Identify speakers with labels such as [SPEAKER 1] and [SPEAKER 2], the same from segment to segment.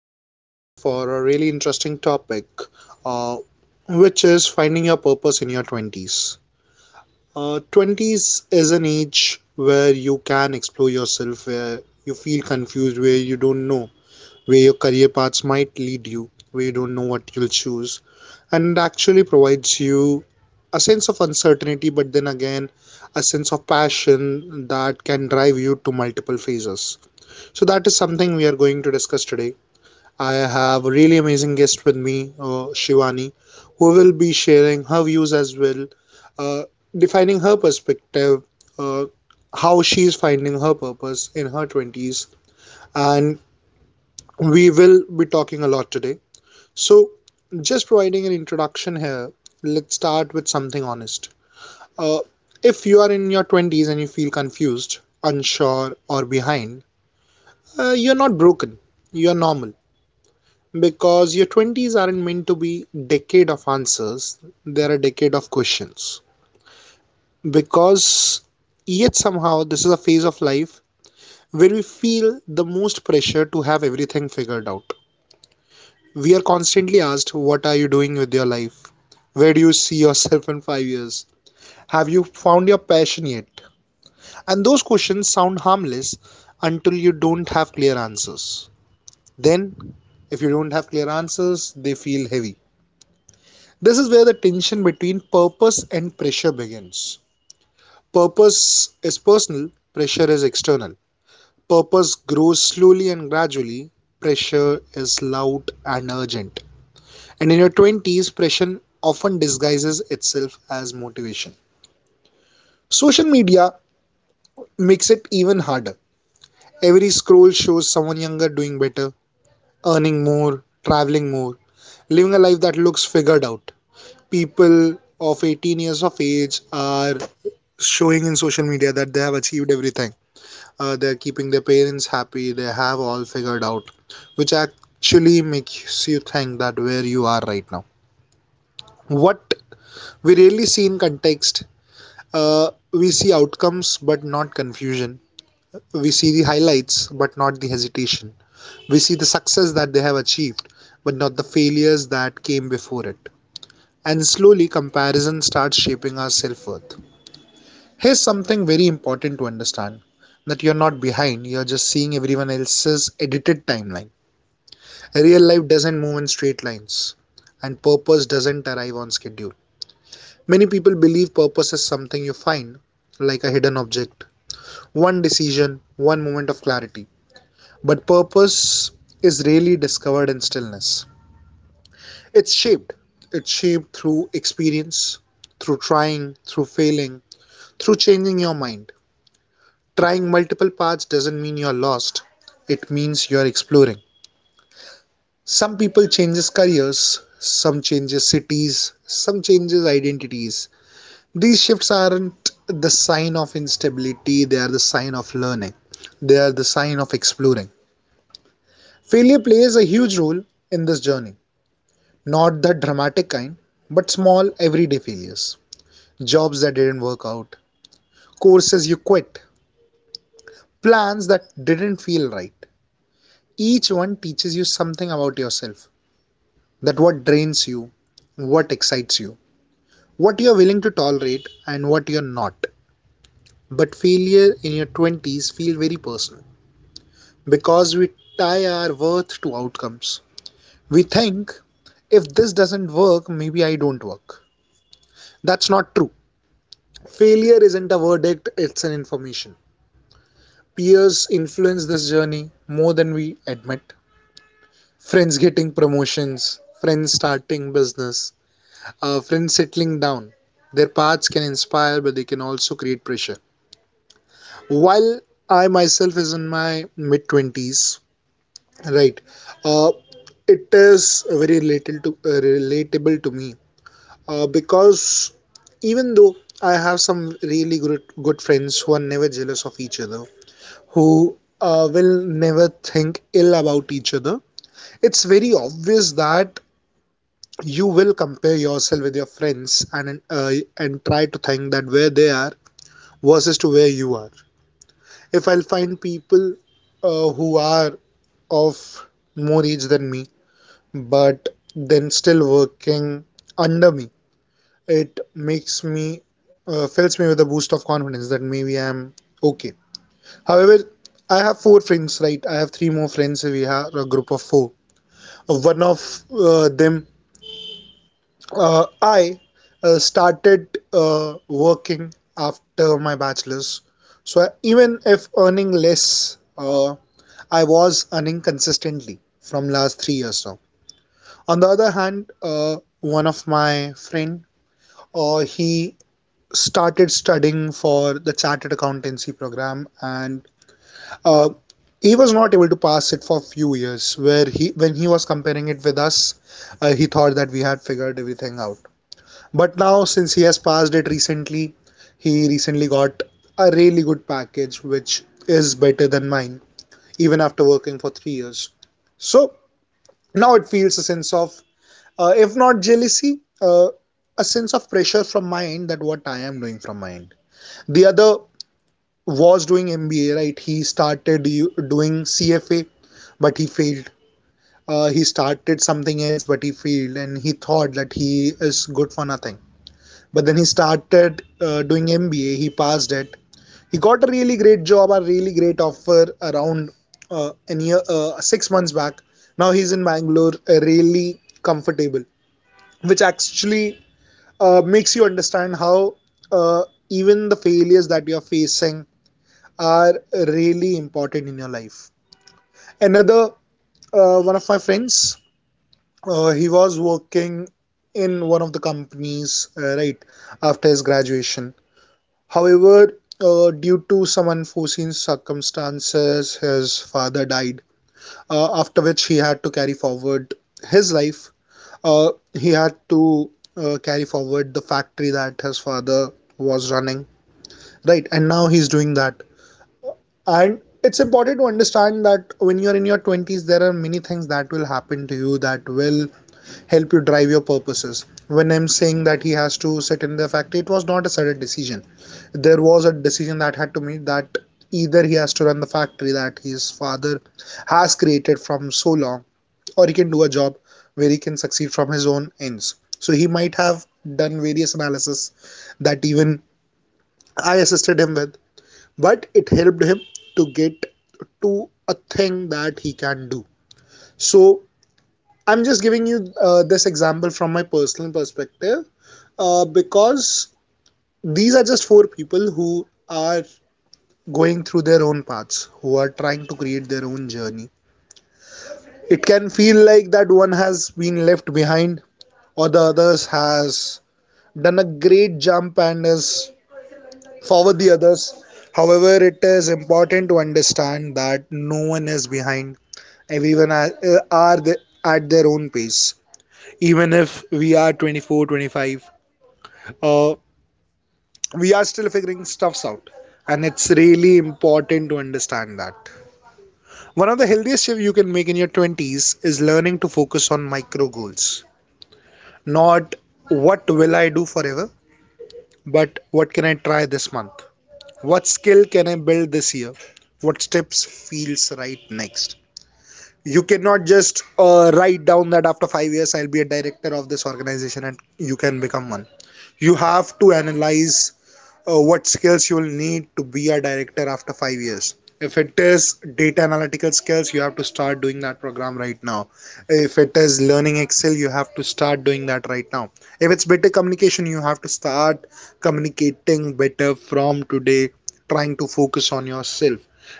[SPEAKER 1] Connected yet again for a really interesting topic, uh, which is finding your purpose in your 20s. 20s is an age where you can explore yourself, where you feel confused, where you don't know where your career paths might lead you, where you don't know what you'll choose, and it actually provides you a sense of uncertainty, but then again, a sense of passion that can drive you to multiple phases. So that is something we are going to discuss today. I have a really amazing guest with me, Shivani, who will be sharing her views as well, uh, defining her perspective, uh, how she's finding her purpose in her 20s. And we will be talking a lot today. So, just providing an introduction here, let's start with something honest. Uh, if you are in your 20s and you feel confused, unsure, or behind, you're not broken, you're normal. Because your 20s aren't meant to be decade of answers, they're a decade of questions. Because yet somehow this is a phase of life where we feel the most pressure to have everything figured out. We are constantly asked, "What are you doing with your life? Where do you see yourself in 5 years? Have you found your passion yet?" And those questions sound harmless until you don't have clear answers. Then, if you don't have clear answers, they feel heavy. This is where the tension between purpose and pressure begins. Purpose is personal, pressure is external. Purpose grows slowly and gradually, pressure is loud and urgent. And in your 20s, pressure often disguises itself as motivation. Social media makes it even harder. Every scroll shows someone younger doing better, earning more, traveling more, living a life that looks figured out. People of 18 years of age are showing in social media that they have achieved everything. They're keeping their parents happy, they have all figured out, which actually makes you think that where you are right now. What we really see in context, we see outcomes but not confusion. We see the highlights but not the hesitation. We see the success that they have achieved but not the failures that came before it. And slowly, comparison starts shaping our self worth. Here's something very important to understand, that you're not behind, you're just seeing everyone else's edited timeline. Real life doesn't move in straight lines, and purpose doesn't arrive on schedule. Many people believe purpose is something you find, like a hidden object, one decision, one moment of clarity. But purpose is really discovered in stillness. It's shaped, it's shaped through experience, through trying, through failing, through changing your mind. Trying multiple paths doesn't mean you're lost. It means you're exploring. Some people changes careers, some changes cities, some changes identities. These shifts aren't the sign of instability, they are the sign of learning. They are the sign of exploring. Failure plays a huge role in this journey. Not the dramatic kind, but small everyday failures. Jobs that didn't work out, courses you quit, plans that didn't feel right. Each one teaches you something about yourself, that what drains you, what excites you, what you are willing to tolerate, and what you're not. But failure in your 20s feel very personal because we tie our worth to outcomes. We think if this doesn't work, maybe I don't work. That's not true. Failure isn't a verdict, it's an information. Peers influence this journey more than we admit. Friends getting promotions, friends starting business, friends settling down. Their paths can inspire, but they can also create pressure. While I myself is in my mid 20s, right? Uh, it is very related to, relatable to me, because even though I have some really good friends who are never jealous of each other, who will never think ill about each other, it's very obvious that you will compare yourself with your friends and and try to think that where they are versus to where you are. If I'll find people who are of more age than me, but then still working under me. It fills me with a boost of confidence that maybe I'm okay. However, I have four friends, right? I have three more friends. We have a group of four. One of them, I started working after my bachelor's. So even if earning less, I was earning consistently from last 3 years now. On the other hand, one of my friend, he started studying for the chartered accountancy program, and uh, he was not able to pass it for a few years. Where when he was comparing it with us, he thought that we had figured everything out. But now, since he has passed it recently, he recently got a really good package, which is better than mine, even after working for 3 years. So now it feels a sense of, if not jealousy, a sense of pressure from my end, that what I am doing from my end. The other was doing MBA, right? He started doing CFA, but he failed. He started something else, but he failed, and he thought that he is good for nothing. But then he started doing MBA, he passed it. He got a really great job, a really great offer around a year, 6 months back. Now he's in Bangalore, really comfortable, which actually makes you understand how uh, even the failures that you're facing are really important in your life. Another one of my friends, he was working in one of the companies right after his graduation. However, due to some unforeseen circumstances, his father died, after which he had to carry forward his life. Uh, he had to carry forward the factory that his father was running, right? And now he's doing that, and it's important to understand that when you're in your 20s there are many things that will happen to you that will help you drive your purposes. When I'm saying that he has to sit in the factory, it was not a sudden decision. There was a decision that had to be made, that either he has to run the factory that his father has created from so long, or he can do a job where he can succeed from his own ends. So he might have done various analysis, that even I assisted him with, but it helped him to get to a thing that he can do. So I'm just giving you this example from my personal perspective, because these are just four people who are going through their own paths, who are trying to create their own journey. It can feel like that one has been left behind or the others has done a great jump and is forward the others. However, it is important to understand that no one is behind, everyone are at their own pace. Even if we are 24 25, uh, we are still figuring stuffs out, and it's really important to understand that one of the healthiest shifts you can make in your 20s is learning to focus on micro goals. Not what will I do forever, but what can I try this month, what skill can I build this year, what steps feels right next. You cannot just write down that after 5 years I'll be a director of this organization and you can become one. You have to analyze what skills you will need to be a director after 5 years. If it is data analytical skills, you have to start doing that program right now. If it is learning Excel, you have to start doing that right now. If it's better communication, you have to start communicating better from today, trying to focus on yourself.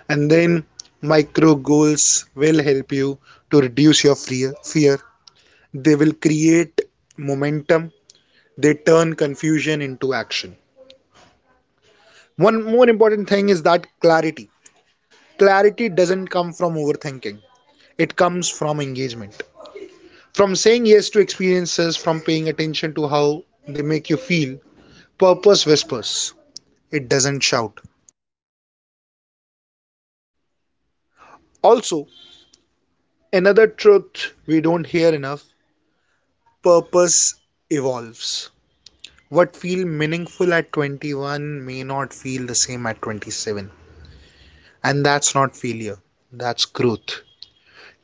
[SPEAKER 1] And then micro goals will help you to reduce your fear. They will create momentum, they turn confusion into action. One more important thing is that clarity. Clarity doesn't come from overthinking, it comes from engagement. From saying yes to experiences, from paying attention to how they make you feel. Purpose whispers, it doesn't shout. Also, another truth we don't hear enough, purpose evolves. What feels meaningful at 21 may not feel the same at 27. And that's not failure, that's growth.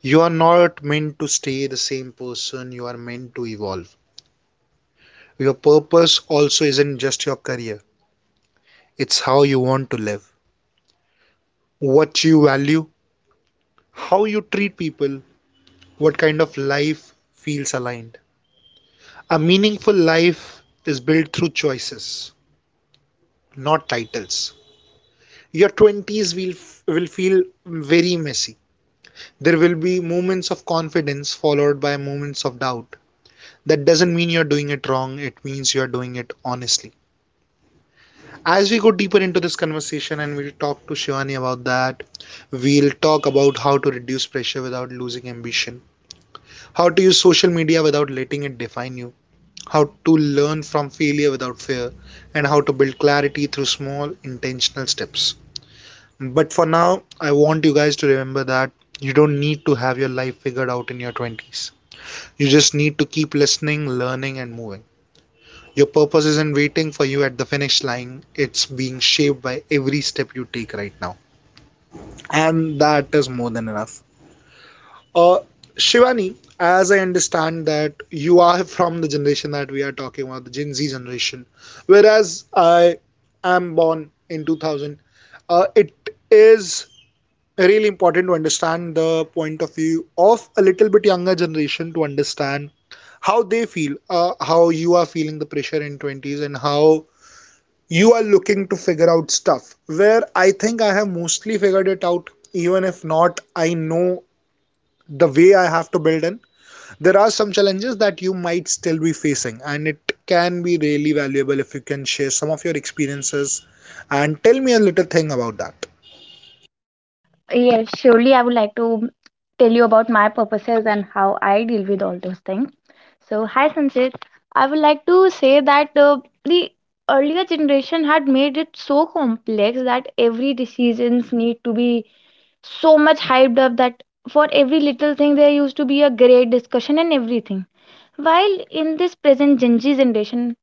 [SPEAKER 1] You are not meant to stay the same person, you are meant to evolve. Your purpose also isn't just your career, it's how you want to live, what you value, how you treat people, what kind of life feels aligned. A meaningful life is built through choices, not titles. Your 20s will feel very messy. There will be moments of confidence followed by moments of doubt. That doesn't mean you're doing it wrong, it means you're doing it honestly. As we go deeper into this conversation and we'll talk to Shivani about that, we'll talk about how to reduce pressure without losing ambition, how to use social media without letting it define you, how to learn from failure without fear, and how to build clarity through small intentional steps. But for now, I want you guys to remember that you don't need to have your life figured out in your 20s. You just need to keep listening, learning, and moving. Your purpose isn't waiting for you at the finish line, it's being shaped by every step you take right now. And that is more than enough. Uh, Shivani, as I understand that you are from the generation that we are talking about, the Gen Z generation, whereas I am born in 2000. It is really important to understand the point of view of a little bit younger generation to understand how they feel, how you are feeling the pressure in 20s, and how you are looking to figure out stuff. Where I think I have mostly figured it out, even if not, I know the way I have to build in there are some challenges that you might still be facing and it can be really valuable if you can share some of your experiences and tell me a little thing about that.
[SPEAKER 2] Yes, surely I would like to tell you about my purposes and how I deal with all those things. So, hi Sanjit. I would like to say that the earlier generation had made it so complex that every decisions need to be so much hyped up that for every little thing there used to be a great discussion and everything. While in this present Gen Z generation,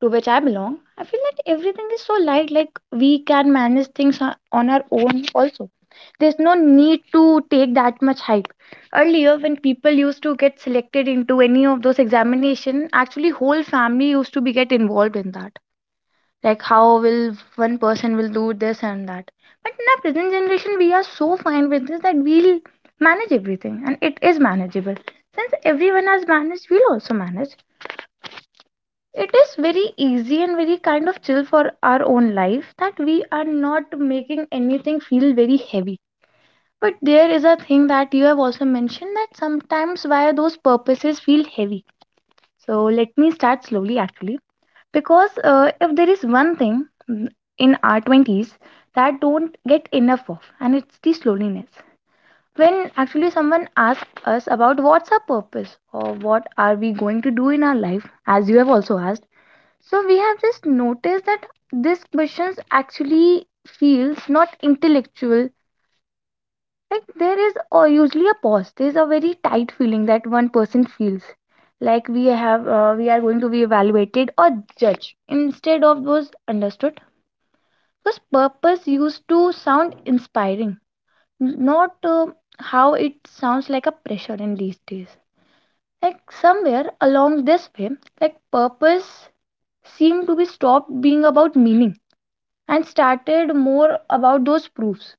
[SPEAKER 2] to which I belong, I feel that everything is so light, like we can manage things on our own also. There's no need to take that much hype. Earlier, when people used to get selected into any of those examination, actually whole family used to be get involved in that. Like how will one person will do this and that. But in our present generation, we are so fine with this that we'll manage everything, and it is manageable. Since everyone has managed, we'll also manage. It is very easy and very kind of chill for our own life that we are not making anything feel very heavy. But there is a thing that you have also mentioned that sometimes why those purposes feel heavy. So let me start slowly actually. Because if there is one thing in our 20s that don't get enough of, and it's the slowness. When actually someone asks us about what's our purpose or what are we going to do in our life, as you have also asked, so we have just noticed that this questions actually feels not intellectual. Like there is or usually a pause. There's a very tight feeling that one person feels. We are going to be evaluated or judged instead of those understood. Because purpose used to sound inspiring, not how it sounds like a pressure in these days. Like somewhere along this way, like purpose seemed to be stopped being about meaning and started more about those proofs.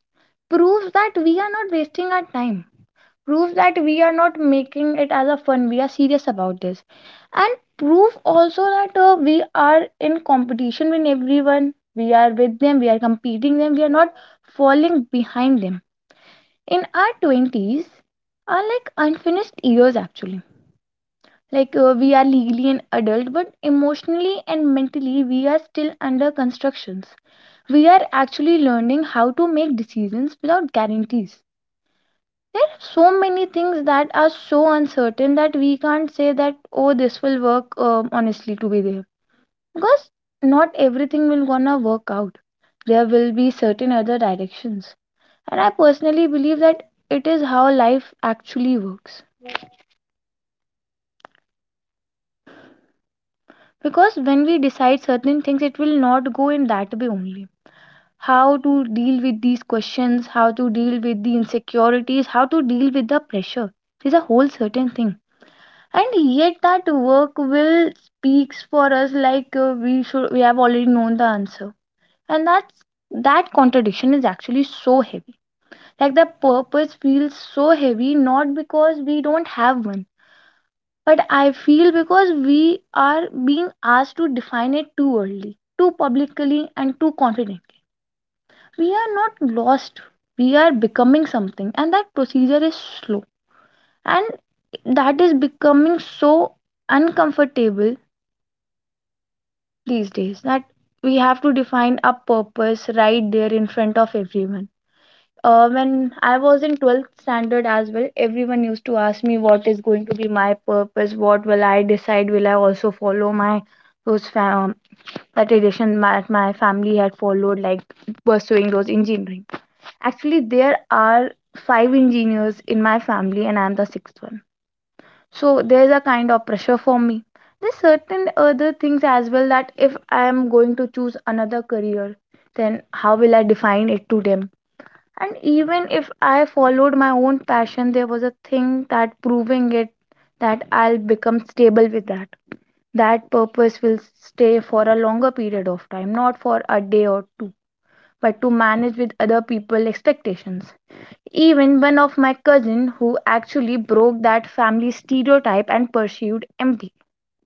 [SPEAKER 2] Proofs that we are not wasting our time. Proof that we are not making it as a fun. We are serious about this. And proof also that we are in competition with everyone. We are with them. We are competing them. We are not falling behind them. In our 20s are like unfinished years, actually, like we are legally an adult, but emotionally and mentally we are still under constructions. We are actually learning how to make decisions without guarantees. There are so many things that are so uncertain that we can't say that, oh, this will work honestly to be there, because not everything will gonna work out. There will be certain other directions, and I personally believe that it is how life actually works, because when we decide certain things it will not go in that way only. How to deal with these questions, how to deal with the insecurities, how to deal with the pressure is a whole certain thing, and yet that work will speaks for us like we have already known the answer, and that contradiction is actually so heavy. Like the purpose feels so heavy not because we don't have one, but I feel because we are being asked to define it too early, too publicly, and too confidently. We are not lost, we are becoming something, and that procedure is slow, and that is becoming so uncomfortable these days that we have to define our purpose right there in front of everyone. When I was in 12th standard as well, everyone used to ask me what is going to be my purpose, what will I decide, will I also follow my those that tradition that my family had followed, like pursuing those engineering. Actually, there are five engineers in my family, and I'm the sixth one. So there's a kind of pressure for me. There's certain other things as well that if I'm going to choose another career, then how will I define it to them? And even if I followed my own passion, there was a thing that proving it that I'll become stable with that. That purpose will stay for a longer period of time, not for a day or two, but to manage with other people's expectations. Even one of my cousin who actually broke that family stereotype and pursued MBA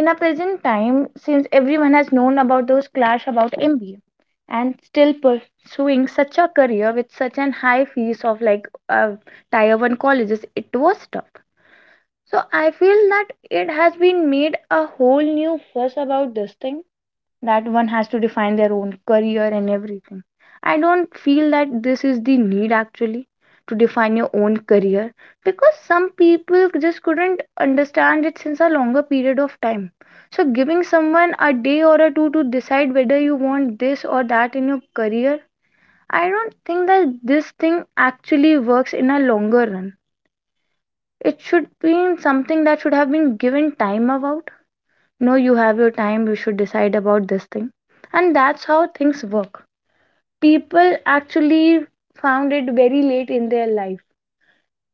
[SPEAKER 2] in our present time, since everyone has known about those clash about MBA and still pursuing such a career with such an high fees of like uh, tier 1 colleges, it was tough. So I feel that it has been made a whole new fuss about this thing that one has to define their own career and everything. I don't feel that this is the need actually to define your own career, because some people just couldn't understand it since a longer period of time. So, giving someone a day or a two to decide whether you want this or that in your career, I don't think that this thing actually works in a longer run. It should be something that should have been given time about, no, you have your time, you should decide about this thing, and that's how things work. People actually found it very late in their life,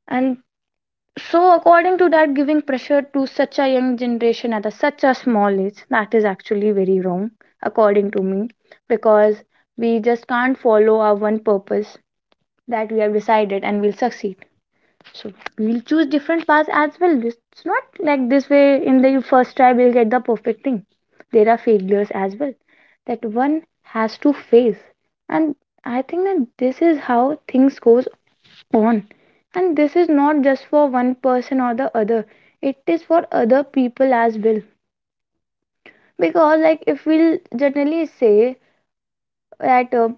[SPEAKER 2] and so according to that, giving pressure to such a young generation at a, such a small age, that is actually very wrong according to me, because we just can't follow our one purpose that we have decided and we'll succeed, so we'll choose different paths as well. It's not like this way in the first try we'll get the perfect thing, there are failures as well that one has to face, and I think that this is how things goes on, and this is not just for one person or the other, it is for other people as well. Because, like, if we'll generally say that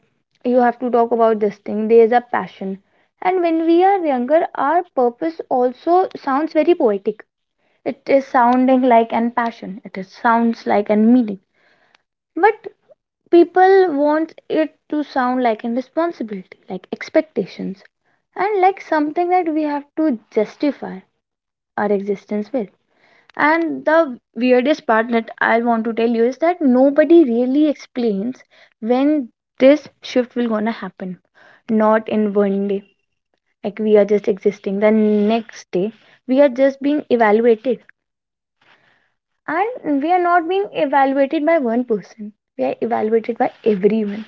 [SPEAKER 2] you have to talk about this thing there is a passion, and when we are younger our purpose also sounds very poetic. It is sounding like an passion. It is sounds like an meaning. But people want it to sound like an responsibility, like expectations, and like something that we have to justify our existence with. And the weirdest part that I want to tell you is that nobody really explains when this shift will gonna happen. Not in one day. Like we are just existing. The next day we are just being evaluated. And we are not being evaluated by one person. We are evaluated by everyone,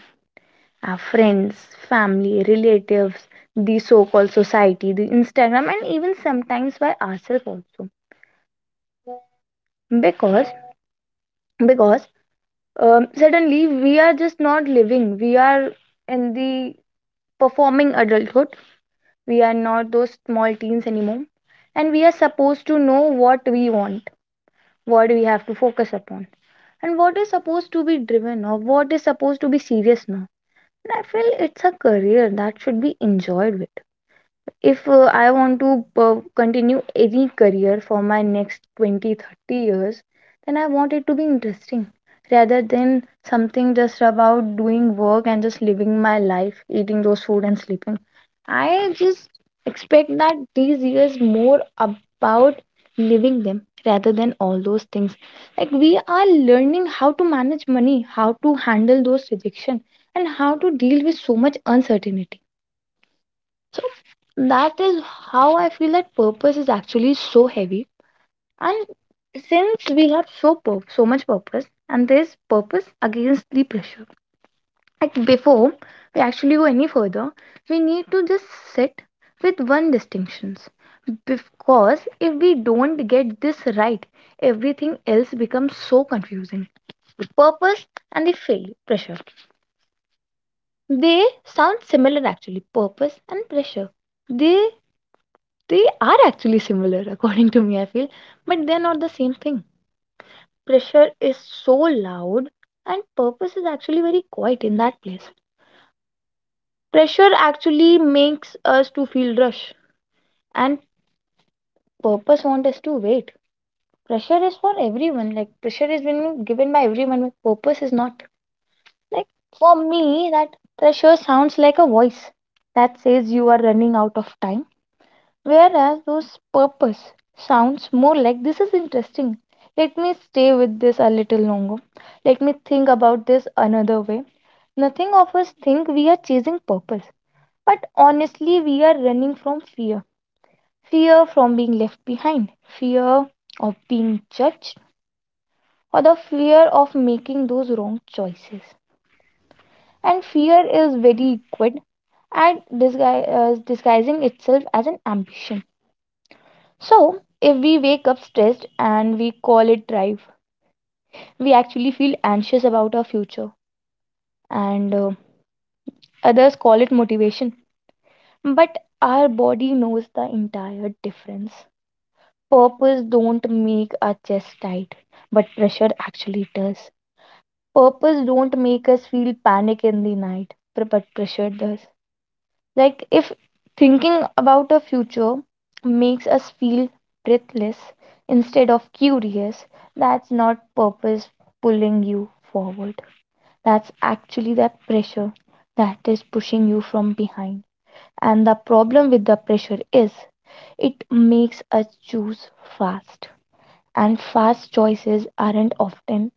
[SPEAKER 2] our friends, family, relatives, the so called society, the Instagram, and even sometimes by ourselves also. Because, because suddenly we are just not living. We are in the performing adulthood. We are not those small teens anymore. And we are supposed to know what we want, what we have to focus upon, and what is supposed to be driven or what is supposed to be serious now. And I feel it's a career that should be enjoyed with, if I want to continue any career for my next 20-30 years, then I want it to be interesting rather than something just about doing work and just living my life, eating those food and sleeping. I just expect that these years more about living them rather than all those things. Like we are learning how to manage money, how to handle those rejection, and how to deal with so much uncertainty, so that is how I feel that purpose is actually so heavy. And since we have so much purpose, and there's purpose against the pressure. Like, before we actually go any further, we need to just sit with one distinctions. Because if we don't get this right, everything else becomes so confusing. The purpose and the failure pressure. They sound similar, actually, purpose and pressure. They They are actually similar, according to me, I feel, but they're not the same thing. Pressure is so loud, and purpose is actually very quiet in that place. Pressure actually makes us to feel rush, and purpose wants us to wait. Pressure is for everyone. Like, pressure is being given by everyone, but purpose is not. Like, for me, that pressure sounds like a voice that says you are running out of time. Whereas those purpose sounds more like, this is interesting. Let me stay with this a little longer. Let me think about this another way. Nothing of us think we are chasing purpose, but honestly, we are running from fear, from being left behind, fear of being judged, or the fear of making those wrong choices. And fear is very liquid and disguising itself as an ambition. So, if we wake up stressed and we call it drive, we actually feel anxious about our future, and others call it motivation. But our body knows the entire difference. Purpose don't make our chest tight, but pressure actually does. Purpose don't make us feel panic in the night, but pressure does. Like, if thinking about a future makes us feel breathless instead of curious, that's not purpose pulling you forward. That's actually that pressure that is pushing you from behind. And the problem with the pressure is it makes us choose fast. And fast choices aren't often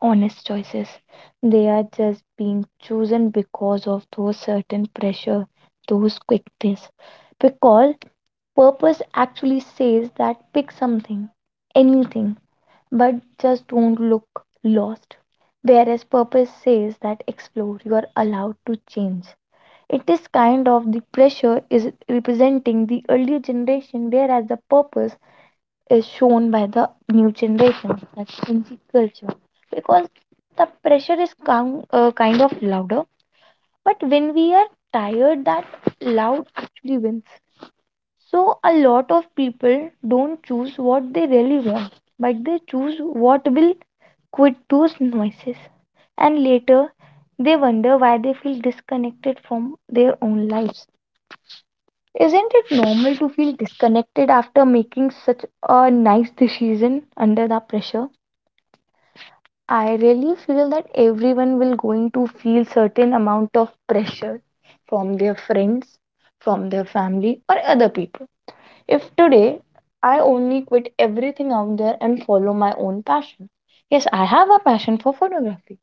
[SPEAKER 2] honest choices. They are just being chosen because of those certain pressure, those quick tests. Because purpose actually says that pick something, anything, but just don't look lost. Whereas purpose says that explore, you are allowed to change. It is kind of the pressure is representing the earlier generation, whereas the purpose is shown by the new generation that's Gen-Z culture because the pressure is kind of louder. But when we are tired, that loud actually wins. So a lot of people don't choose what they really want, but they choose what will quit those noises. And later, they wonder why they feel disconnected from their own lives. Isn't it normal to feel disconnected after making such a nice decision under the pressure? I really feel that everyone will going to feel certain amount of pressure from their friends, from their family or other people. If today I only quit everything out there and follow my own passion. Yes, I have a passion for photography,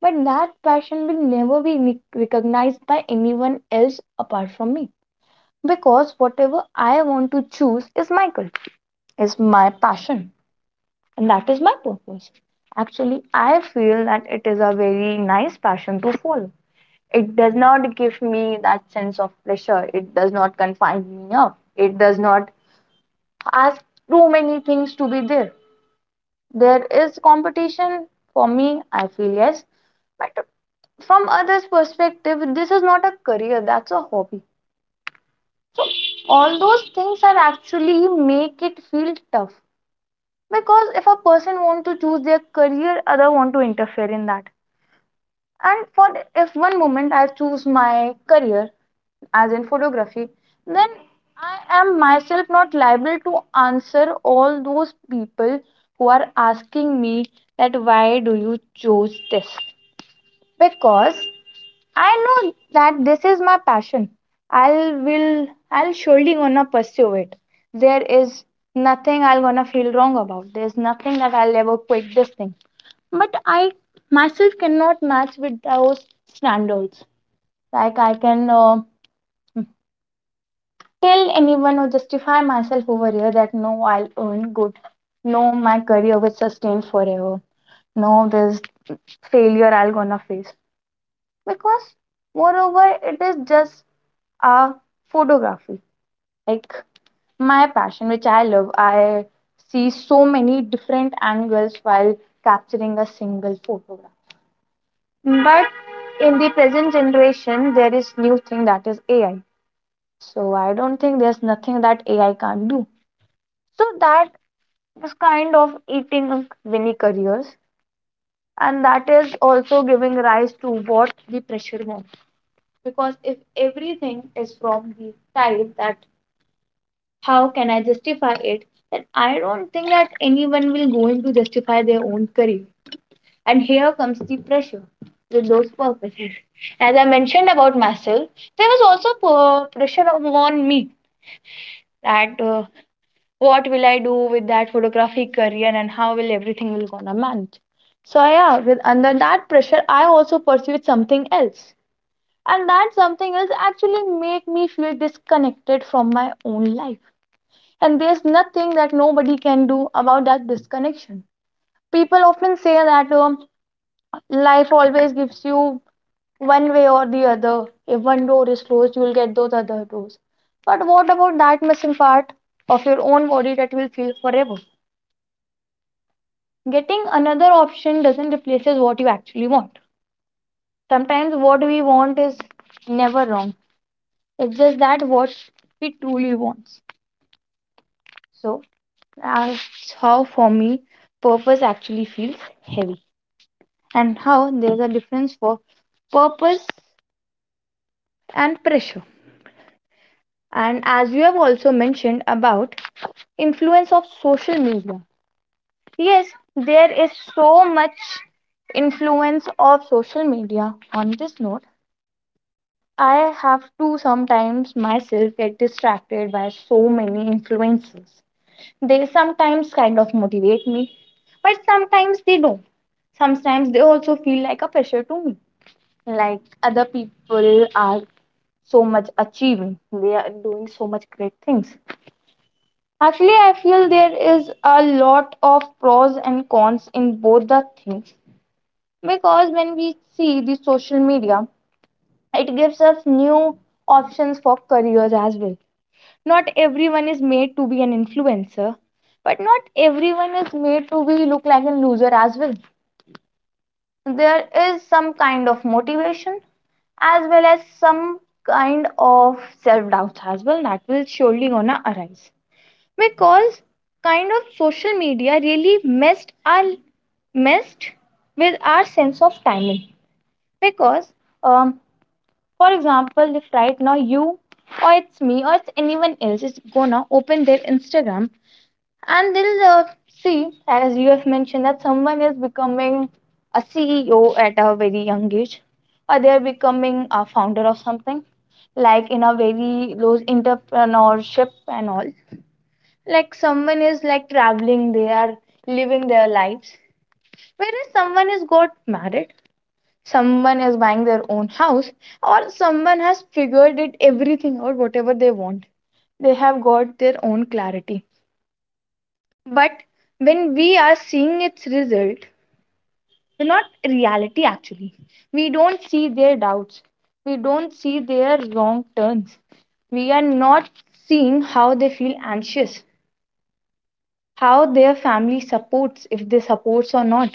[SPEAKER 2] but that passion will never be recognized by anyone else apart from me because whatever I want to choose is my culture, is my passion and that is my purpose. Actually, I feel that it is a very nice passion to follow. It does not give me that sense of pressure, it does not confine me up, it does not ask too many things to be there. There is competition for me, I feel yes, but from others' perspective, this is not a career, that's a hobby. So, all those things are actually make it feel tough because if a person want to choose their career other want to interfere in that. And for if one moment I choose my career as in photography, then I am myself not liable to answer all those people who are asking me that why do you choose this? Because I know that this is my passion. I'll surely gonna pursue it. There is nothing I'll gonna feel wrong about. There's nothing that I'll ever quit this thing. But I myself cannot match with those standards like I can tell anyone or justify myself over here that no I'll earn good, no my career will sustain forever, no there's failure I'll gonna face because moreover it is just a photography like my passion which I love. I see so many different angles while capturing a single photograph. But in the present generation there is new thing that is AI. So I don't think there's nothing that AI can't do. So that is kind of eating many careers. And that is also giving rise to what the pressure wants. Because if everything is from the type that how can I justify it, then I don't think that anyone will going to justify their own career. And here comes the pressure with those purposes. As I mentioned about myself, there was also pressure on me that what will I do with that photography career and how will everything will gonna manage. So yeah, with under that pressure, I also pursued something else, and that something else actually made me feel disconnected from my own life. And there's nothing that nobody can do about that disconnection. People often say that life always gives you one way or the other. If one door is closed, you will get those other doors. But what about that missing part of your own body that will feel forever? Getting another option doesn't replaces what you actually want. Sometimes what we want is never wrong, it's just that what we truly want. So that's how for me purpose actually feels heavy and how there's a difference for purpose and pressure. And as you have also mentioned about influence of social media, yes there is so much influence of social media on this note. I have to sometimes myself get distracted by so many influences. They sometimes kind of motivate me, but sometimes they don't. Sometimes they also feel like a pressure to me. Like other people are so much achieving, they are doing so much great things. Actually, I feel there is a lot of pros and cons in both the things because when we see the social media, it gives us new options for careers as well. Not everyone is made to be an influencer, but not everyone is made to be look like a loser as well. There is some kind of motivation as well as some kind of self doubts as well that will surely gonna arise because kind of social media really messed our messed with our sense of timing because um, for example if right now you or it's me or it's anyone else is gonna open their Instagram and they'll see, as you have mentioned, that someone is becoming a CEO at a very young age, or they're becoming a founder of something, like in a very those entrepreneurship and all. Like someone is like traveling, they are living their lives. Whereas someone is got married, someone is buying their own house, or someone has figured it everything out, whatever they want. They have got their own clarity but when we are seeing its result, we're not reality actually. We don't see their doubts. We don't see their wrong turns. We are not seeing how they feel anxious, how their family supports, if they supports or not,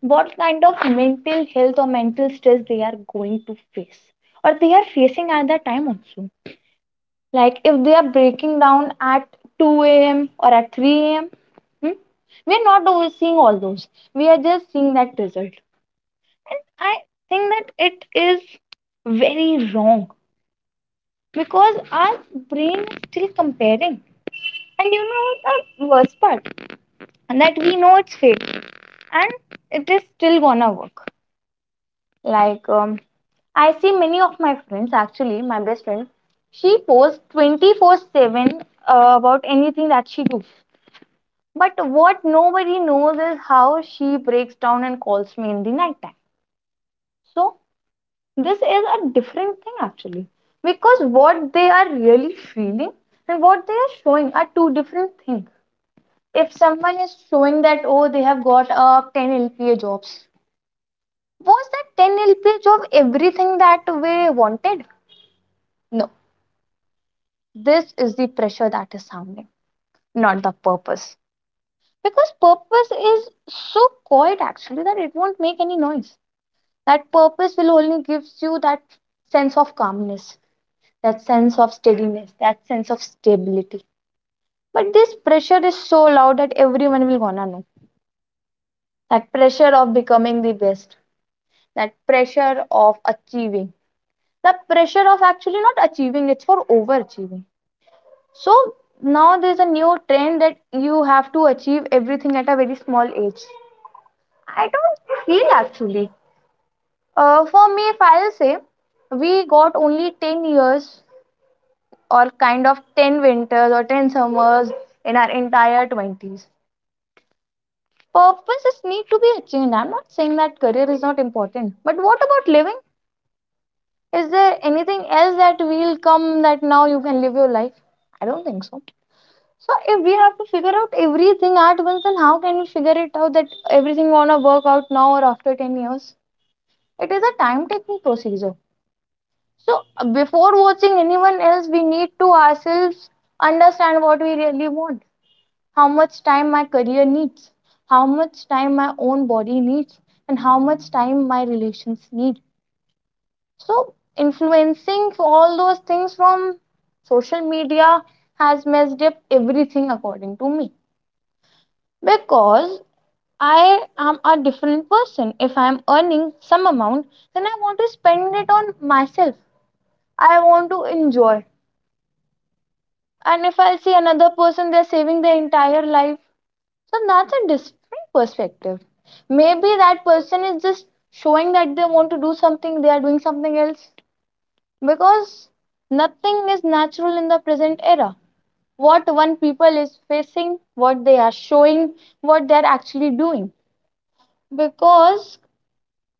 [SPEAKER 2] what kind of mental health or mental stress they are going to face or they are facing at that time also. Like if they are breaking down at 2 a.m. or at 3 a.m., hmm, we are not always seeing all those. We are just seeing that result. And I think that it is very wrong because our brain is still comparing. And you know the worst part, and that we know it's fake and it is still gonna work. Like I see many of my friends, actually, my best friend, she posts 24/7 about anything that she do. But what nobody knows is how she breaks down and calls me in the night time. So this is a different thing actually because what they are really feeling and what they are showing are two different things. If someone is showing that oh they have got 10 LPA jobs, was that 10 LPA job everything that we wanted? No. This is the pressure that is sounding, not the purpose. Because purpose is so quiet actually that it won't make any noise. That purpose will only gives you that sense of calmness, that sense of steadiness, that sense of stability. But this pressure is so loud that everyone will gonna know. That pressure of becoming the best, that pressure of achieving, the pressure of actually not achieving, it's for overachieving. So now there's a new trend that you have to achieve everything at a very small age. I don't feel actually for me if I'll say we got only 10 years or kind of 10 winters or 10 summers in our entire 20s. Purposes need to be achieved. I'm not saying that career is not important, but what about living? Is there anything else that will come that now you can live your life? I don't think so. So if we have to figure out everything at once, then how can we figure it out that everything wanna work out now or after 10 years? It is a time taking procedure. So before watching anyone else, we need to ourselves understand what we really want, how much time my career needs, how much time my own body needs, and how much time my relations need. So, influencing for all those things from social media has messed up everything according to me because I am a different person. If I am earning some amount, then I want to spend it on myself. I want to enjoy. And if I see another person, they're saving their entire life. So that's a different perspective. Maybe that person is just showing that they want to do something, they are doing something else. Because nothing is natural in the present era. What one people is facing, what they are showing, what they are actually doing. Because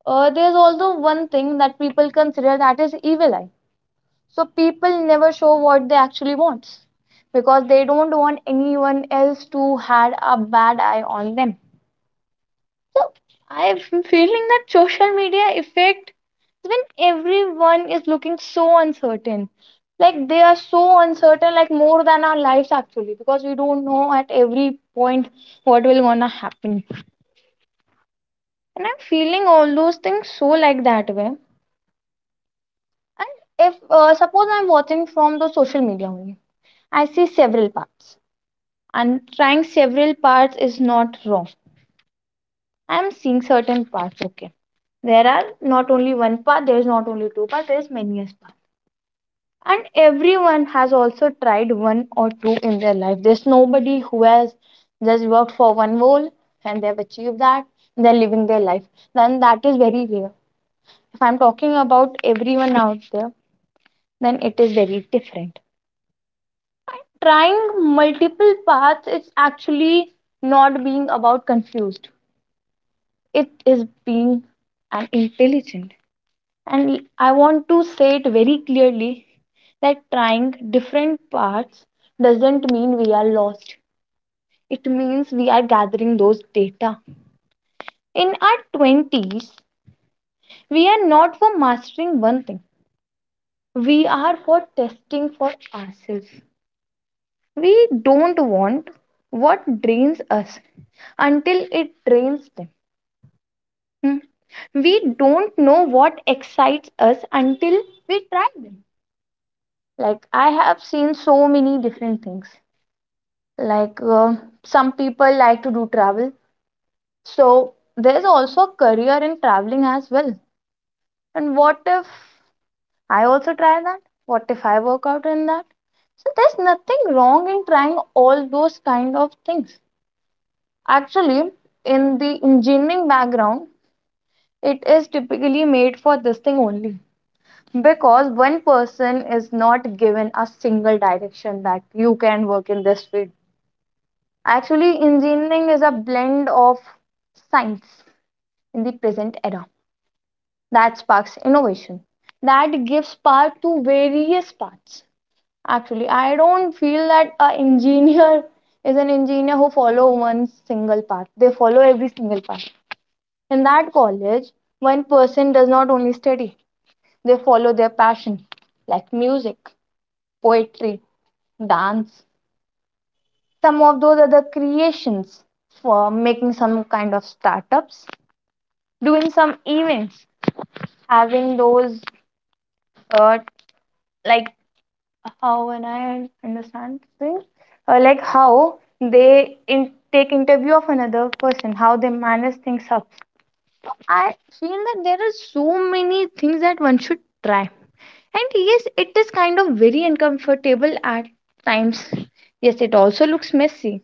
[SPEAKER 2] there's also one thing that people consider that is evil eye. So people never show what they actually want because they don't want anyone else to had a bad eye on them. So I'm feeling that social media effect is when everyone is looking so uncertain. Like they are so uncertain, like more than our lives actually, because we don't know at every point what will gonna happen. And I'm feeling all those things so like that way. And if suppose I'm watching from the social media only, I see several parts, and trying several parts is not wrong. I'm seeing certain paths. Okay. There are not only one path. There's not only two-part, there's many as part. And everyone has also tried one or two in their life. There's nobody who has just worked for one goal and they've achieved that. They're living their life. Then that is very rare. If I'm talking about everyone out there, then it is very different. Trying multiple paths, it's actually not being about confused. It is being an intelligent. And I want to say it very clearly that trying different paths doesn't mean we are lost. It means we are gathering those data. In our 20s, we are not for mastering one thing, we are for testing for ourselves. We don't want what drains us until it drains them. Hmm. We don't know what excites us until we try them. Like, I have seen so many different things. Like, some people like to do travel. So, there's also a career in traveling as well. And what if I also try that? What if I work out in that? So, there's nothing wrong in trying all those kind of things. Actually, in the engineering background, it is typically made for this thing only because one person is not given a single direction that you can work in this field. Actually, engineering is a blend of science in the present era that sparks innovation, that gives power to various parts. Actually, I don't feel that a engineer is an engineer who follow one single path. They follow every single path. In that college, one person does not only study; they follow their passion, like music, poetry, dance, some of those other creations for making some kind of startups, doing some events, having those uh, like how when I understand things, like how they take interview of another person, how they manage things up. I feel that there are so many things that one should try, and yes, it is kind of very uncomfortable at times. Yes, it also looks messy.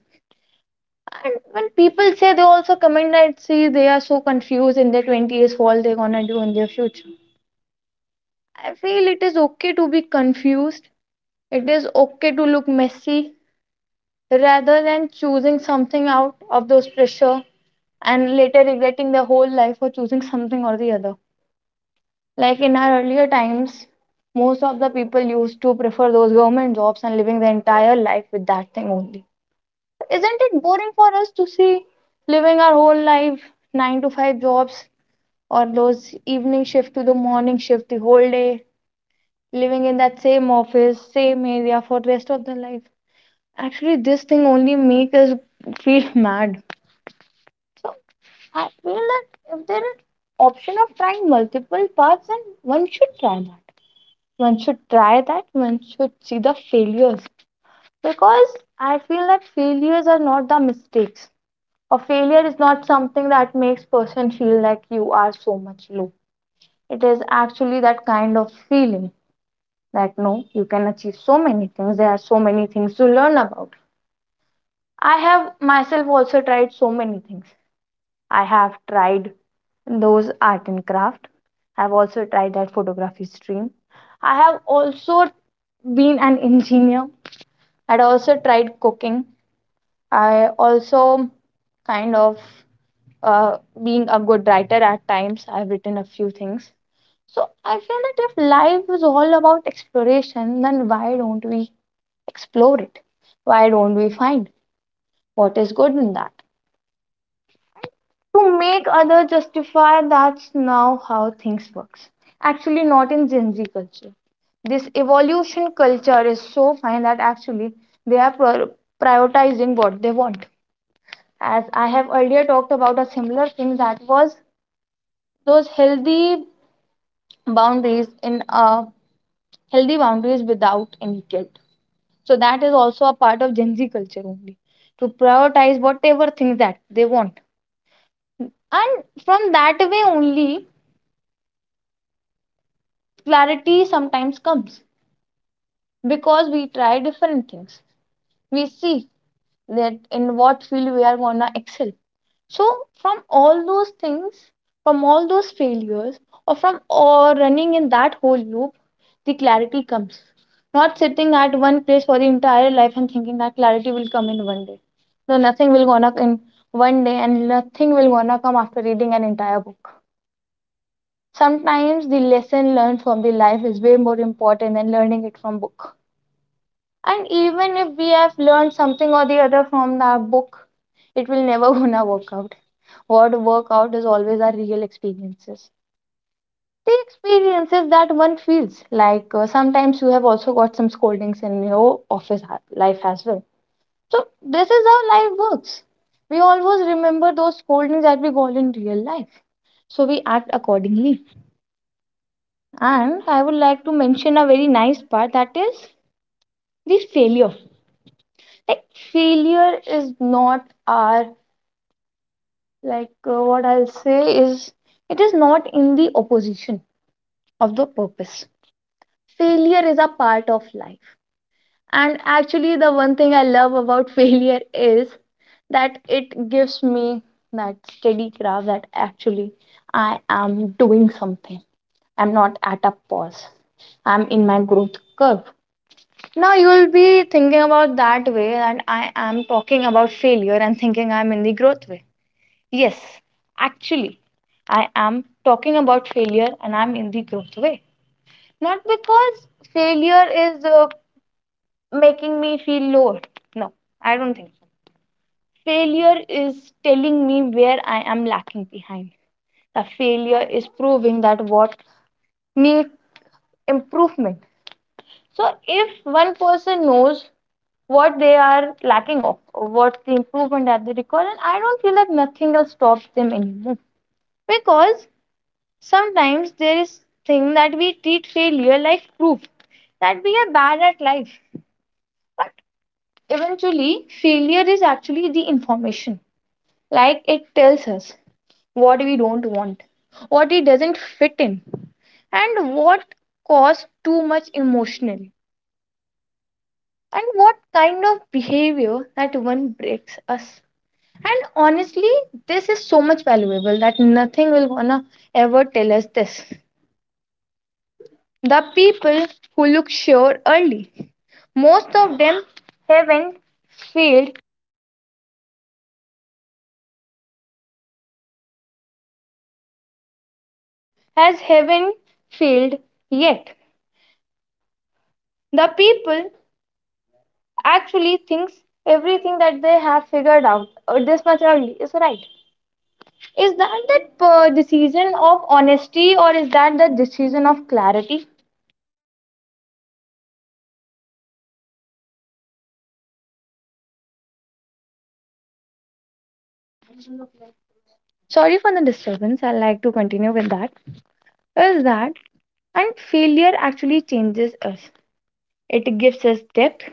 [SPEAKER 2] And when people say, they also comment that see they are so confused in their twenties, what they're gonna do in their future. I feel it is okay to be confused. It is okay to look messy rather than choosing something out of those pressure and later regretting their whole life for choosing something or the other. Like in our earlier times, most of the people used to prefer those government jobs and living their entire life with that thing only. Isn't it boring for us to see living our whole life, 9 to 5 jobs or those evening shift to the morning shift the whole day? Living in that same office, same area for rest of their life. Actually, this thing only make us feel mad. So I feel that if there is option of trying multiple paths, then one should try that. One should try that. One should see the failures because I feel that failures are not the mistakes. A failure is not something that makes person feel like you are so much low. It is actually that kind of feeling that no, you can achieve so many things. There are so many things to learn about. I have myself also tried so many things. I have tried those art and craft. I've also tried that photography stream. I have also been an engineer. I'd also tried cooking. I also kind of being a good writer at times. I've written a few things. So I feel that if life is all about exploration, then why don't we explore it. Why don't we find what is good in that? To make others justify, that's now how things works. Actually, not in Gen Z culture. This evolution culture is so fine that actually they are prioritizing what they want. As I have earlier talked about a similar thing, that was those healthy boundaries in healthy boundaries without any guilt. So that is also a part of Gen Z culture only, to prioritize whatever things that they want, and from that way only clarity sometimes comes, because we try different things, we see that in what field we are gonna excel. So from all those things, from all those failures, or running in that whole loop, the clarity comes, not sitting at one place for the entire life and thinking that clarity will come in one day. No, nothing will gonna in one day, and nothing will gonna come after reading an entire book. Sometimes the lesson learned from the life is way more important than learning it from book. And even if we have learned something or the other from the book, it will never gonna work out. What work out is always our real experiences, the experiences that one feels like. Sometimes you have also got some scoldings in your office life as well. So this is how life works. We always remember those scoldings that we got in real life, so we act accordingly. And I would like to mention a very nice part, that is the failure. Like failure is not our what I'll say is, it is not in the opposition of the purpose. Failure is a part of life. And actually the one thing I love about failure is that it gives me that steady graph that actually I am doing something. I'm not at a pause. I'm in my growth curve. Now you will be thinking about that way, and I am talking about failure and thinking I am in the growth way. Yes, actually, I am talking about failure and I'm in the growth way. Not because failure is making me feel lower. No, I don't think so. Failure is telling me where I am lacking behind. The failure is proving that what needs improvement. So if one person knows what they are lacking of, or what's the improvement that they require. And I don't feel that nothing else stops them anymore. Because sometimes there is thing that we treat failure like proof that we are bad at life. But eventually, failure is actually the information. Like it tells us what we don't want, what it doesn't fit in, and what caused too much emotionally, and what kind of behavior that one breaks us. And honestly, this is so much valuable that nothing will gonna ever tell us this. The people who look sure early, most of them haven't failed haven't failed yet. The people actually thinks everything that they have figured out or this much early is right. Is that the decision of honesty, or is that the decision of clarity? Sorry for the disturbance. I'd like to continue with that. Is that And failure actually changes us. It gives us depth.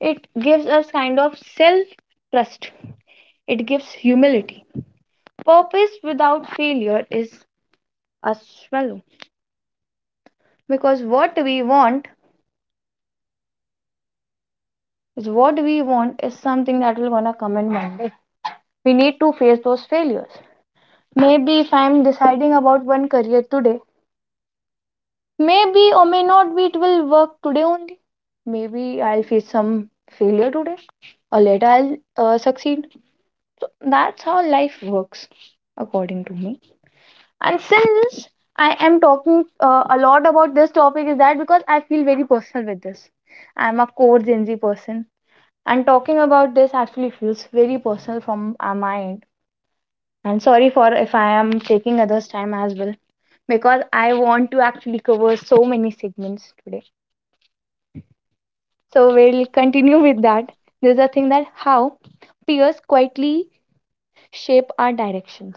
[SPEAKER 2] It gives us kind of self trust. It gives humility. Purpose without failure is a swallow. Because what we want is something that will gonna come in one day. We need to face those failures. Maybe if I'm deciding about one career today, maybe or may not be it will work today only. Maybe I'll face some failure today or later I'll succeed. So that's how life works, according to me. And since I am talking a lot about this topic, is that because I feel very personal with this. I'm a core Gen Z person, and talking about this actually feels very personal from my end. And sorry for if I am taking others' time as well, because I want to actually cover so many segments today. So we'll continue with that. This is a thing that how peers quietly shape our directions.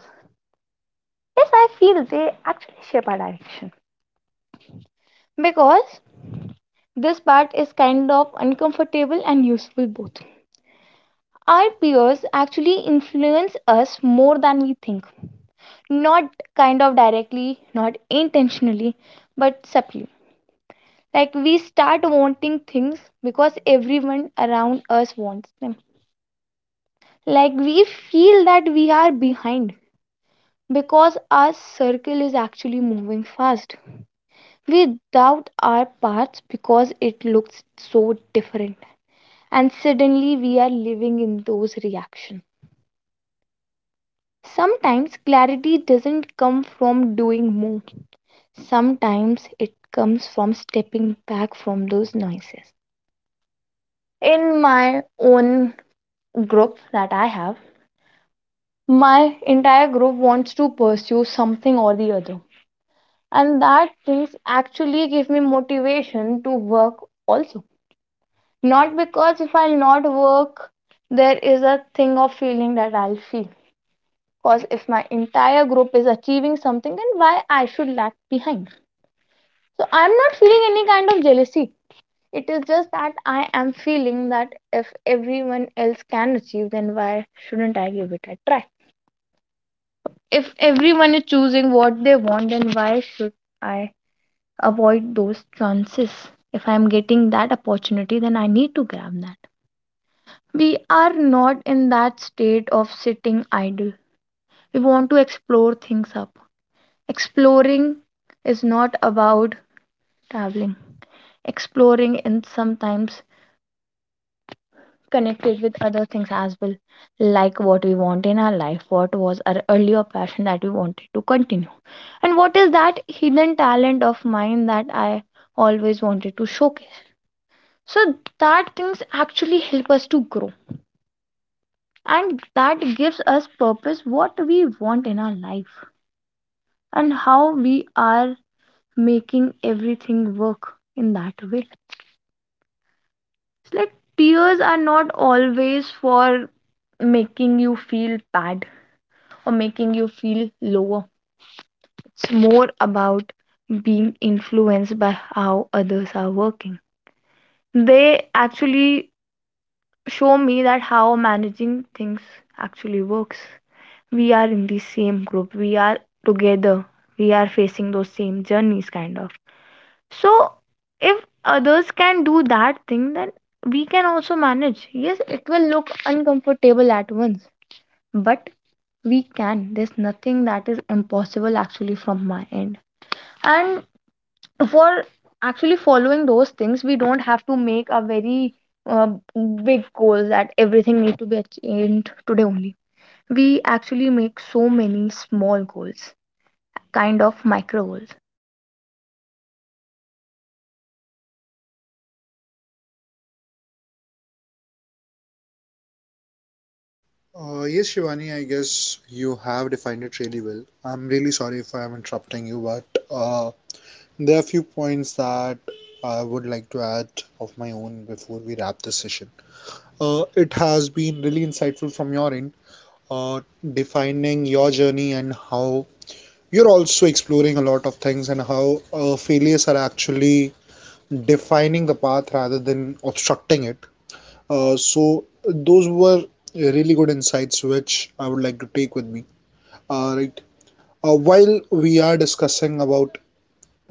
[SPEAKER 2] Yes, I feel they actually shape our direction because this part is kind of uncomfortable and useful both. Our peers actually influence us more than we think, not kind of directly, not intentionally, but subtly. Like we start wanting things because everyone around us wants them. Like we feel that we are behind because our circle is actually moving fast. We doubt our parts because it looks so different, and suddenly we are living in those reactions. Sometimes clarity doesn't come from doing more, sometimes it comes from stepping back from those noises. In my own group that I have, my entire group wants to pursue something or the other, and that things actually give me motivation to work also. Not because if I'll not work, there is a thing of feeling that I'll feel. Because if my entire group is achieving something, then why I should lag behind? So I'm not feeling any kind of jealousy. It is just that I am feeling that if everyone else can achieve, then why shouldn't I give it a try? If everyone is choosing what they want, then why should I avoid those chances? If I'm getting that opportunity, then I need to grab that. We are not in that state of sitting idle. We want to explore things up. Exploring is not about traveling. Exploring is sometimes connected with other things as well, like what we want in our life, what was our earlier passion that we wanted to continue, and what is that hidden talent of mine that I always wanted to showcase. So, that things actually help us to grow, and that gives us purpose, what we want in our life and how we are making everything work in that way. It's like tears are not always for making you feel bad or making you feel lower. It's more about being influenced by how others are working. They actually show me that how managing things actually works. We are in the same group, we are together, we are facing those same journeys kind of. So if others can do that thing, then we can also manage. Yes, it will look uncomfortable at once, but we can. There's nothing that is impossible, actually, from my end. And for actually following those things, we don't have to make a very uh, big goal that everything need to be achieved today only. We actually make so many small goals, kind of micro goals.
[SPEAKER 1] Yes, Shivani, I guess you have defined it really well. I'm really sorry if I'm interrupting you, but uh, there are a few points that I would like to add of my own before we wrap this session. It has been really insightful from your end, uh, defining your journey and how you're also exploring a lot of things and how failures are actually defining the path rather than obstructing it. So, those were really good insights which I would like to take with me. Alright. While we are discussing about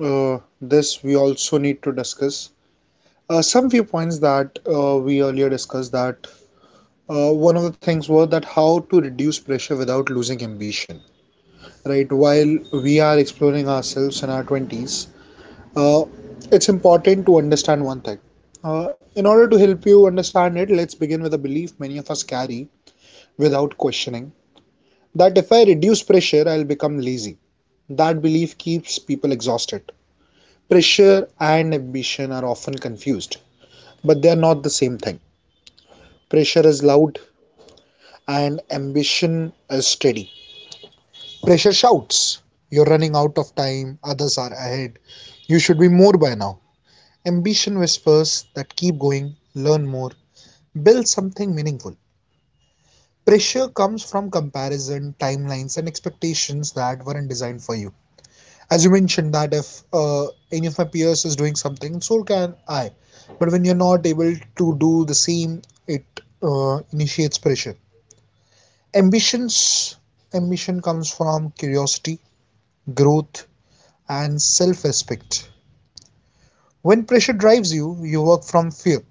[SPEAKER 1] this, we also need to discuss some few points that we earlier discussed. That one of the things was that how to reduce pressure without losing ambition. Right. While we are exploring ourselves in our twenties, uh, it's important to understand one thing. Uh, in order to help you understand it, let's begin with a belief many of us carry without questioning that if I reduce pressure, I'll become lazy. That belief keeps people exhausted. Pressure and ambition are often confused, but they are not the same thing. Pressure is loud and ambition is steady. Pressure shouts, you're running out of time, others are ahead, you should be more by now. Ambition whispers that keep going, learn more, build something meaningful. Pressure comes from comparison, timelines, and expectations that weren't designed for you. As you mentioned that if uh, any of my peers is doing something so can I, but when you're not able to do the same it initiates pressure. Ambitions ambition comes from curiosity, growth, and self-respect. When pressure drives you, you work from fear,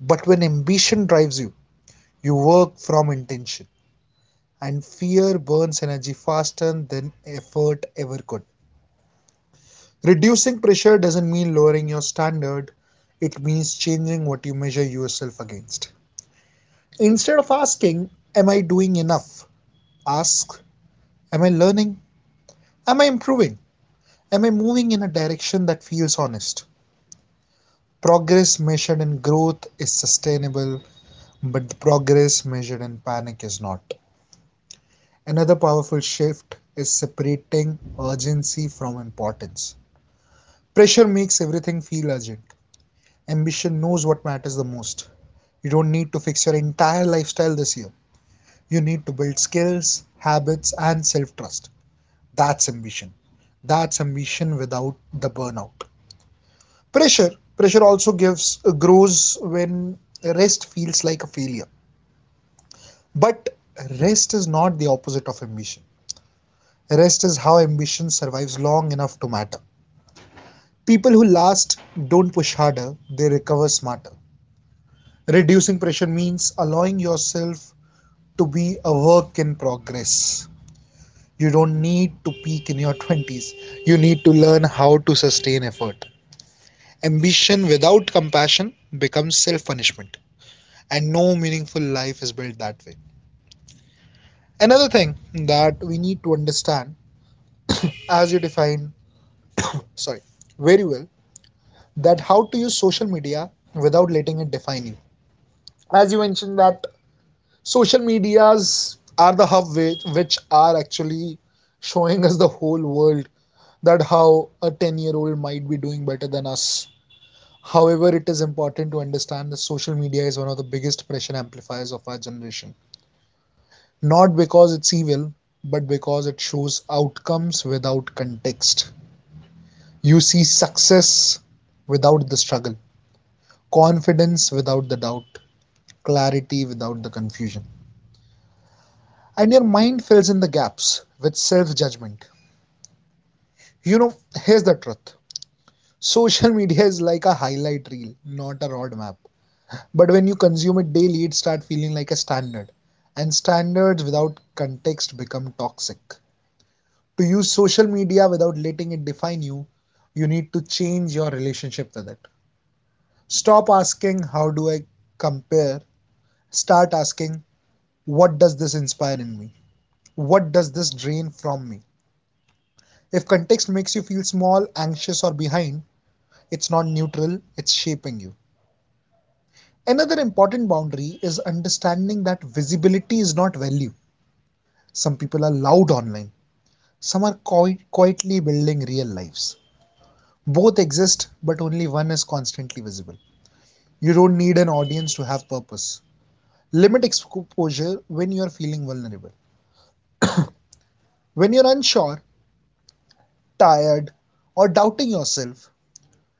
[SPEAKER 1] but when ambition drives you, you work from intention, and fear burns energy faster than effort ever could. Reducing pressure doesn't mean lowering your standard, it means changing what you measure yourself against. Instead of asking, am I doing enough? Ask, am I learning? Am I improving? Am I moving in a direction that feels honest? Progress measured in growth is sustainable, but the progress measured in panic is not. Another powerful shift is separating urgency from importance. Pressure makes everything feel urgent. Ambition knows what matters the most. You don't need to fix your entire lifestyle this year. You need to build skills, habits, and self trust. That's ambition. That's ambition without the burnout. Pressure. Pressure also gives grows when rest feels like a failure. But rest is not the opposite of ambition. Rest is how ambition survives long enough to matter. People who last don't push harder, they recover smarter. Reducing pressure means allowing yourself to be a work in progress. You don't need to peak in your 20s. You need to learn how to sustain effort. Ambition without compassion becomes self punishment, and no meaningful life is built that way. Another thing that we need to understand, as you define, sorry, very well, that how to use social media without letting it define you. As you mentioned, that social medias are the hub which are actually showing us the whole world that how a 10-year-old might be doing better than us. However, it is important to understand that social media is one of the biggest pressure amplifiers of our generation. Not because it's evil, but because it shows outcomes without context. You see success without the struggle, confidence without the doubt, clarity without the confusion. And your mind fills in the gaps with self judgment. You know, here's the truth, social media is like a highlight reel, not a roadmap. But when you consume it daily, it starts feeling like a standard, and standards without context become toxic. To use social media without letting it define you, you need to change your relationship with it. Stop asking, how do I compare? Start asking, what does this inspire in me? What does this drain from me? If context makes you feel small, anxious, or behind, it's not neutral, it's shaping you. Another important boundary is understanding that visibility is not value. Some people are loud online. Some are quietly building real lives. Both exist, but only one is constantly visible. You don't need an audience to have purpose. Limit exposure when you are feeling vulnerable. When you're unsure, tired, or doubting yourself,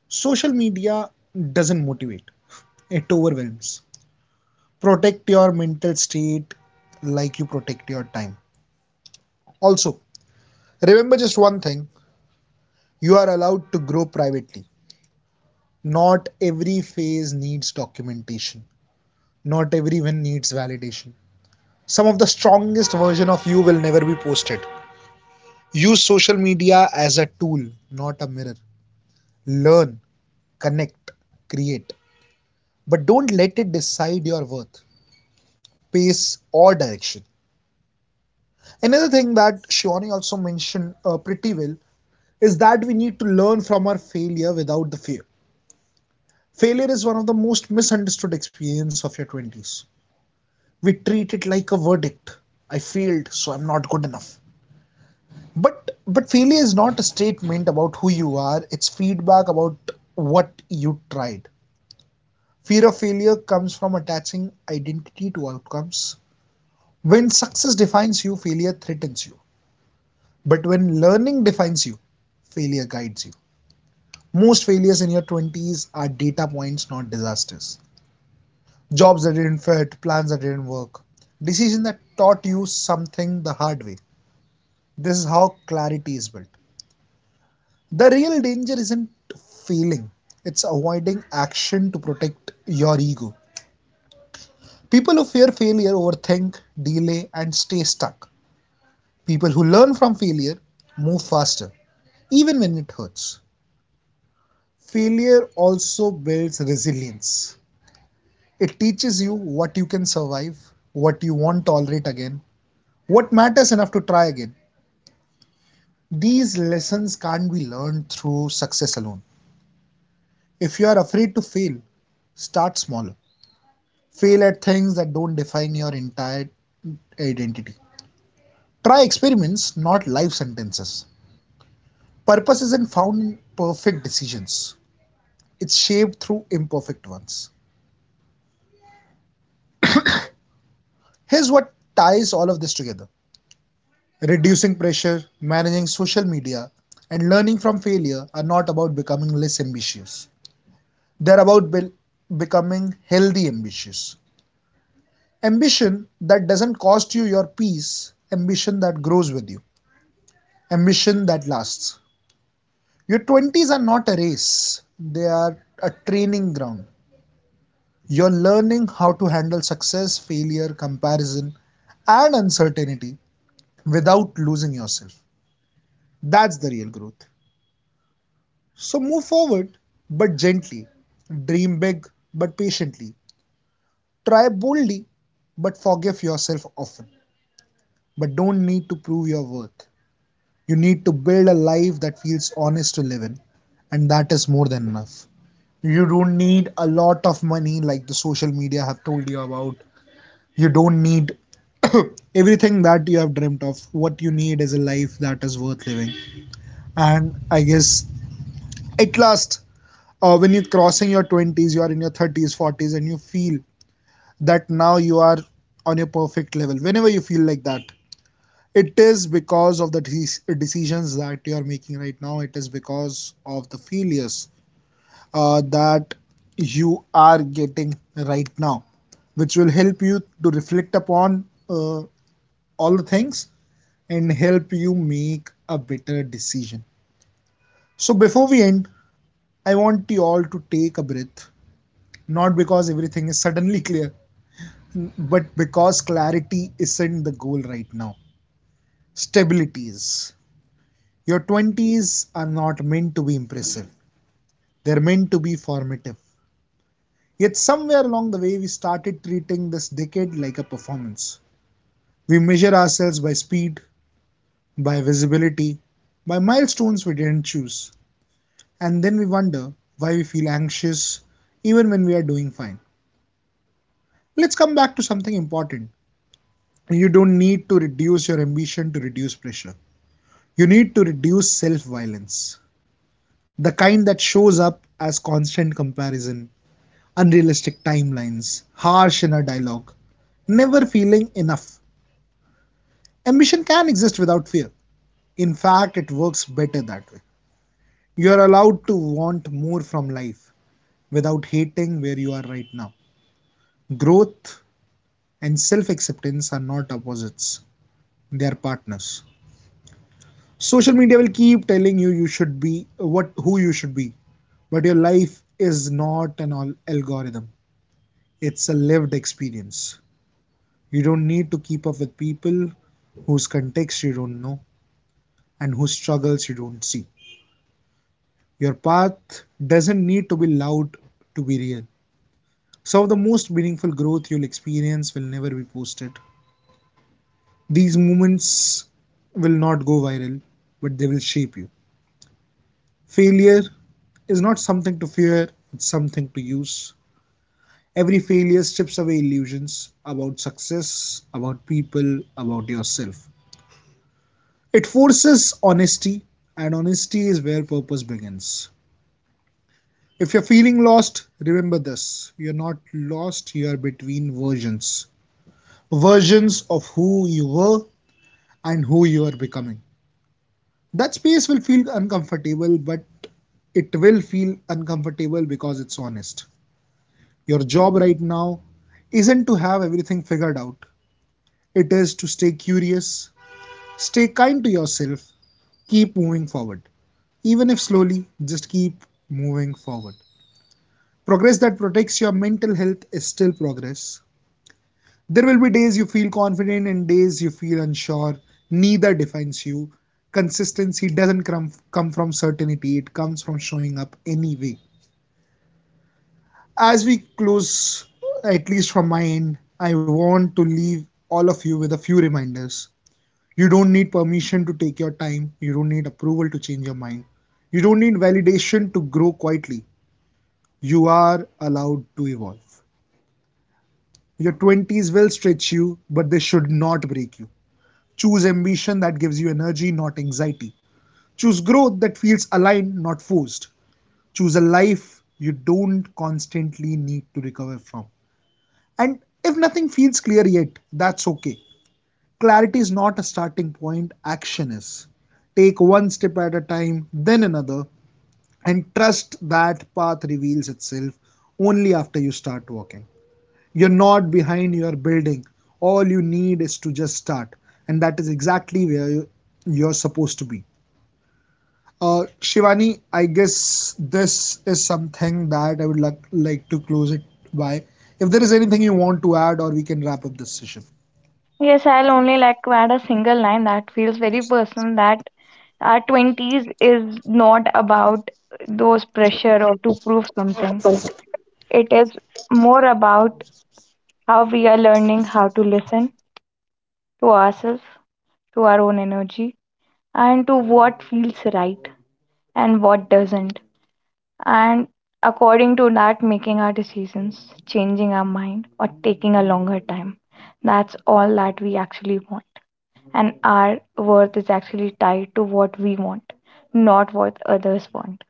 [SPEAKER 1] social media doesn't motivate, it overwhelms. Protect your mental state like you protect your time. Also, remember just one thing, you are allowed to grow privately. Not every phase needs documentation, not every win needs validation. Some of the strongest version of you will never be posted. Use social media as a tool, not a mirror. Learn, connect, create, but don't let it decide your worth, pace, or direction. Another thing that Shivani also mentioned pretty well is that we need to learn from our failure without the fear. Failure is one of the most misunderstood experience of your 20s. We treat it like a verdict, I failed so I'm not good enough. But but failure is not a statement about who you are, it's feedback about what you tried. Fear of failure comes from attaching identity to outcomes. When success defines you, failure threatens you, but when learning defines you, failure guides you. Most failures in your 20s are data points, not disasters. Jobs that didn't fit, plans that didn't work, decisions that taught you something the hard way. This is how clarity is built. The real danger isn't failing, it's avoiding action to protect your ego. People who fear failure overthink, delay, and stay stuck. People who learn from failure move faster, even when it hurts. Failure also builds resilience. It teaches you what you can survive, what you won't tolerate again, what matters enough to try again. These lessons can't be learned through success alone. If you are afraid to fail, start smaller. Fail at things that don't define your entire identity. Try experiments, not life sentences. Purpose isn't found in perfect decisions, it's shaped through imperfect ones. Here's what ties all of this together, reducing pressure, managing social media, and learning from failure are not about becoming less ambitious. They're about becoming healthy ambitious. Ambition that doesn't cost you your peace, ambition that grows with you, ambition that lasts. Your 20s are not a race, they are a training ground. You're learning how to handle success, failure, comparison, and uncertainty without losing yourself. That's the real growth. So move forward, but gently. Dream big, but patiently. Try boldly, but forgive yourself often. But don't need to prove your worth. You need to build a life that feels honest to live in, and that is more than enough. You don't need a lot of money like the social media have told you about, you don't need everything that you have dreamt of. What you need is a life that is worth living. And I guess at last, when you're crossing your 20s, you are in your 30s, 40s, and you feel that now you are on your perfect level. Whenever you feel like that, it is because of the decisions that you are making right now. It is because of the failures that you are getting right now, which will help you to reflect upon all the things and help you make a better decision. So, before we end, I want you all to take a breath, not because everything is suddenly clear, but because clarity isn't the goal right now. Stability is. Your 20s are not meant to be impressive, they're meant to be formative. Yet, somewhere along the way, we started treating this decade like a performance. We measure ourselves by speed, by visibility, by milestones we didn't choose. And then we wonder why we feel anxious even when we are doing fine. Let's come back to something important. You don't need to reduce your ambition to reduce pressure. You need to reduce self violence, the kind that shows up as constant comparison, unrealistic timelines, harsh inner dialogue, never feeling enough. Ambition can exist without fear. In fact, it works better that way. You are allowed to want more from life without hating where you are right now. Growth and self acceptance are not opposites, they are partners. Social media will keep telling you you should be what who you should be, but your life is not an algorithm. It's a lived experience. You don't need to keep up with people whose context you don't know and whose struggles you don't see. Your path doesn't need to be loud to be real. Some of the most meaningful growth you'll experience will never be posted. These moments will not go viral, but they will shape you. Failure is not something to fear, it's something to use. Every failure strips away illusions about success, about people, about yourself. It forces honesty, and honesty is where purpose begins. If you're feeling lost, remember this: you're not lost, you are between versions. Versions of who you were and who you are becoming. That space will feel uncomfortable, but it will feel uncomfortable because it's honest. Your job right now isn't to have everything figured out, it is to stay curious, stay kind to yourself, keep moving forward. Even if slowly, just keep moving forward. Progress that protects your mental health is still progress. There will be days you feel confident and days you feel unsure. Neither defines you. Consistency doesn't come from certainty, it comes from showing up anyway. As we close, at least from my end, I want to leave all of you with a few reminders. You don't need permission to take your time, you don't need approval to change your mind, you don't need validation to grow quietly. You are allowed to evolve. Your 20s will stretch you, but they should not break you. Choose ambition that gives you energy, not anxiety. Choose growth that feels aligned, not forced. Choose a life you don't constantly need to recover from. And if nothing feels clear yet, that's okay. Clarity is not a starting point, action is. Take one step at a time, then another, and trust that path reveals itself only after you start walking. You're not behind, you're building. All you need is to just start, and that is exactly where are supposed to be. Shivani, I guess this is something that I would like, to close it by. If there is anything you want to add, or we can wrap up this session.
[SPEAKER 2] Yes, I'll only like to add a single line that feels very personal, that our 20s is not about those pressure or to prove something. It is more about how we are learning how to listen to ourselves, to our own energy, and to what feels right and what doesn't. And according to that, making our decisions, changing our mind, or taking a longer time. That's all that we actually want. And our worth is actually tied to what we want, not what others want.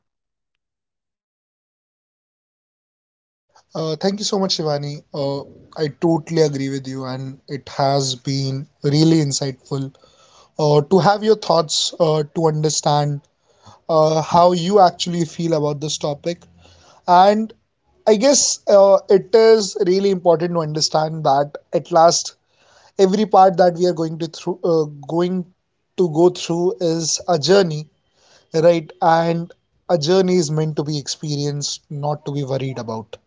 [SPEAKER 1] Thank you so much, Shivani. I totally agree with you, and it has been really insightful to have your thoughts to understand how you actually feel about this topic. And I guess it is really important to understand that at last every part that we are going to going go through is a journey, right? And a journey is meant to be experienced, not to be worried about.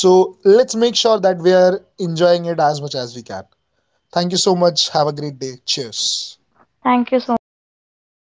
[SPEAKER 1] So let's make sure that we are enjoying it as much as we can. Thank you so much. Have a great day. Cheers.
[SPEAKER 2] Thank you so much. I wish you the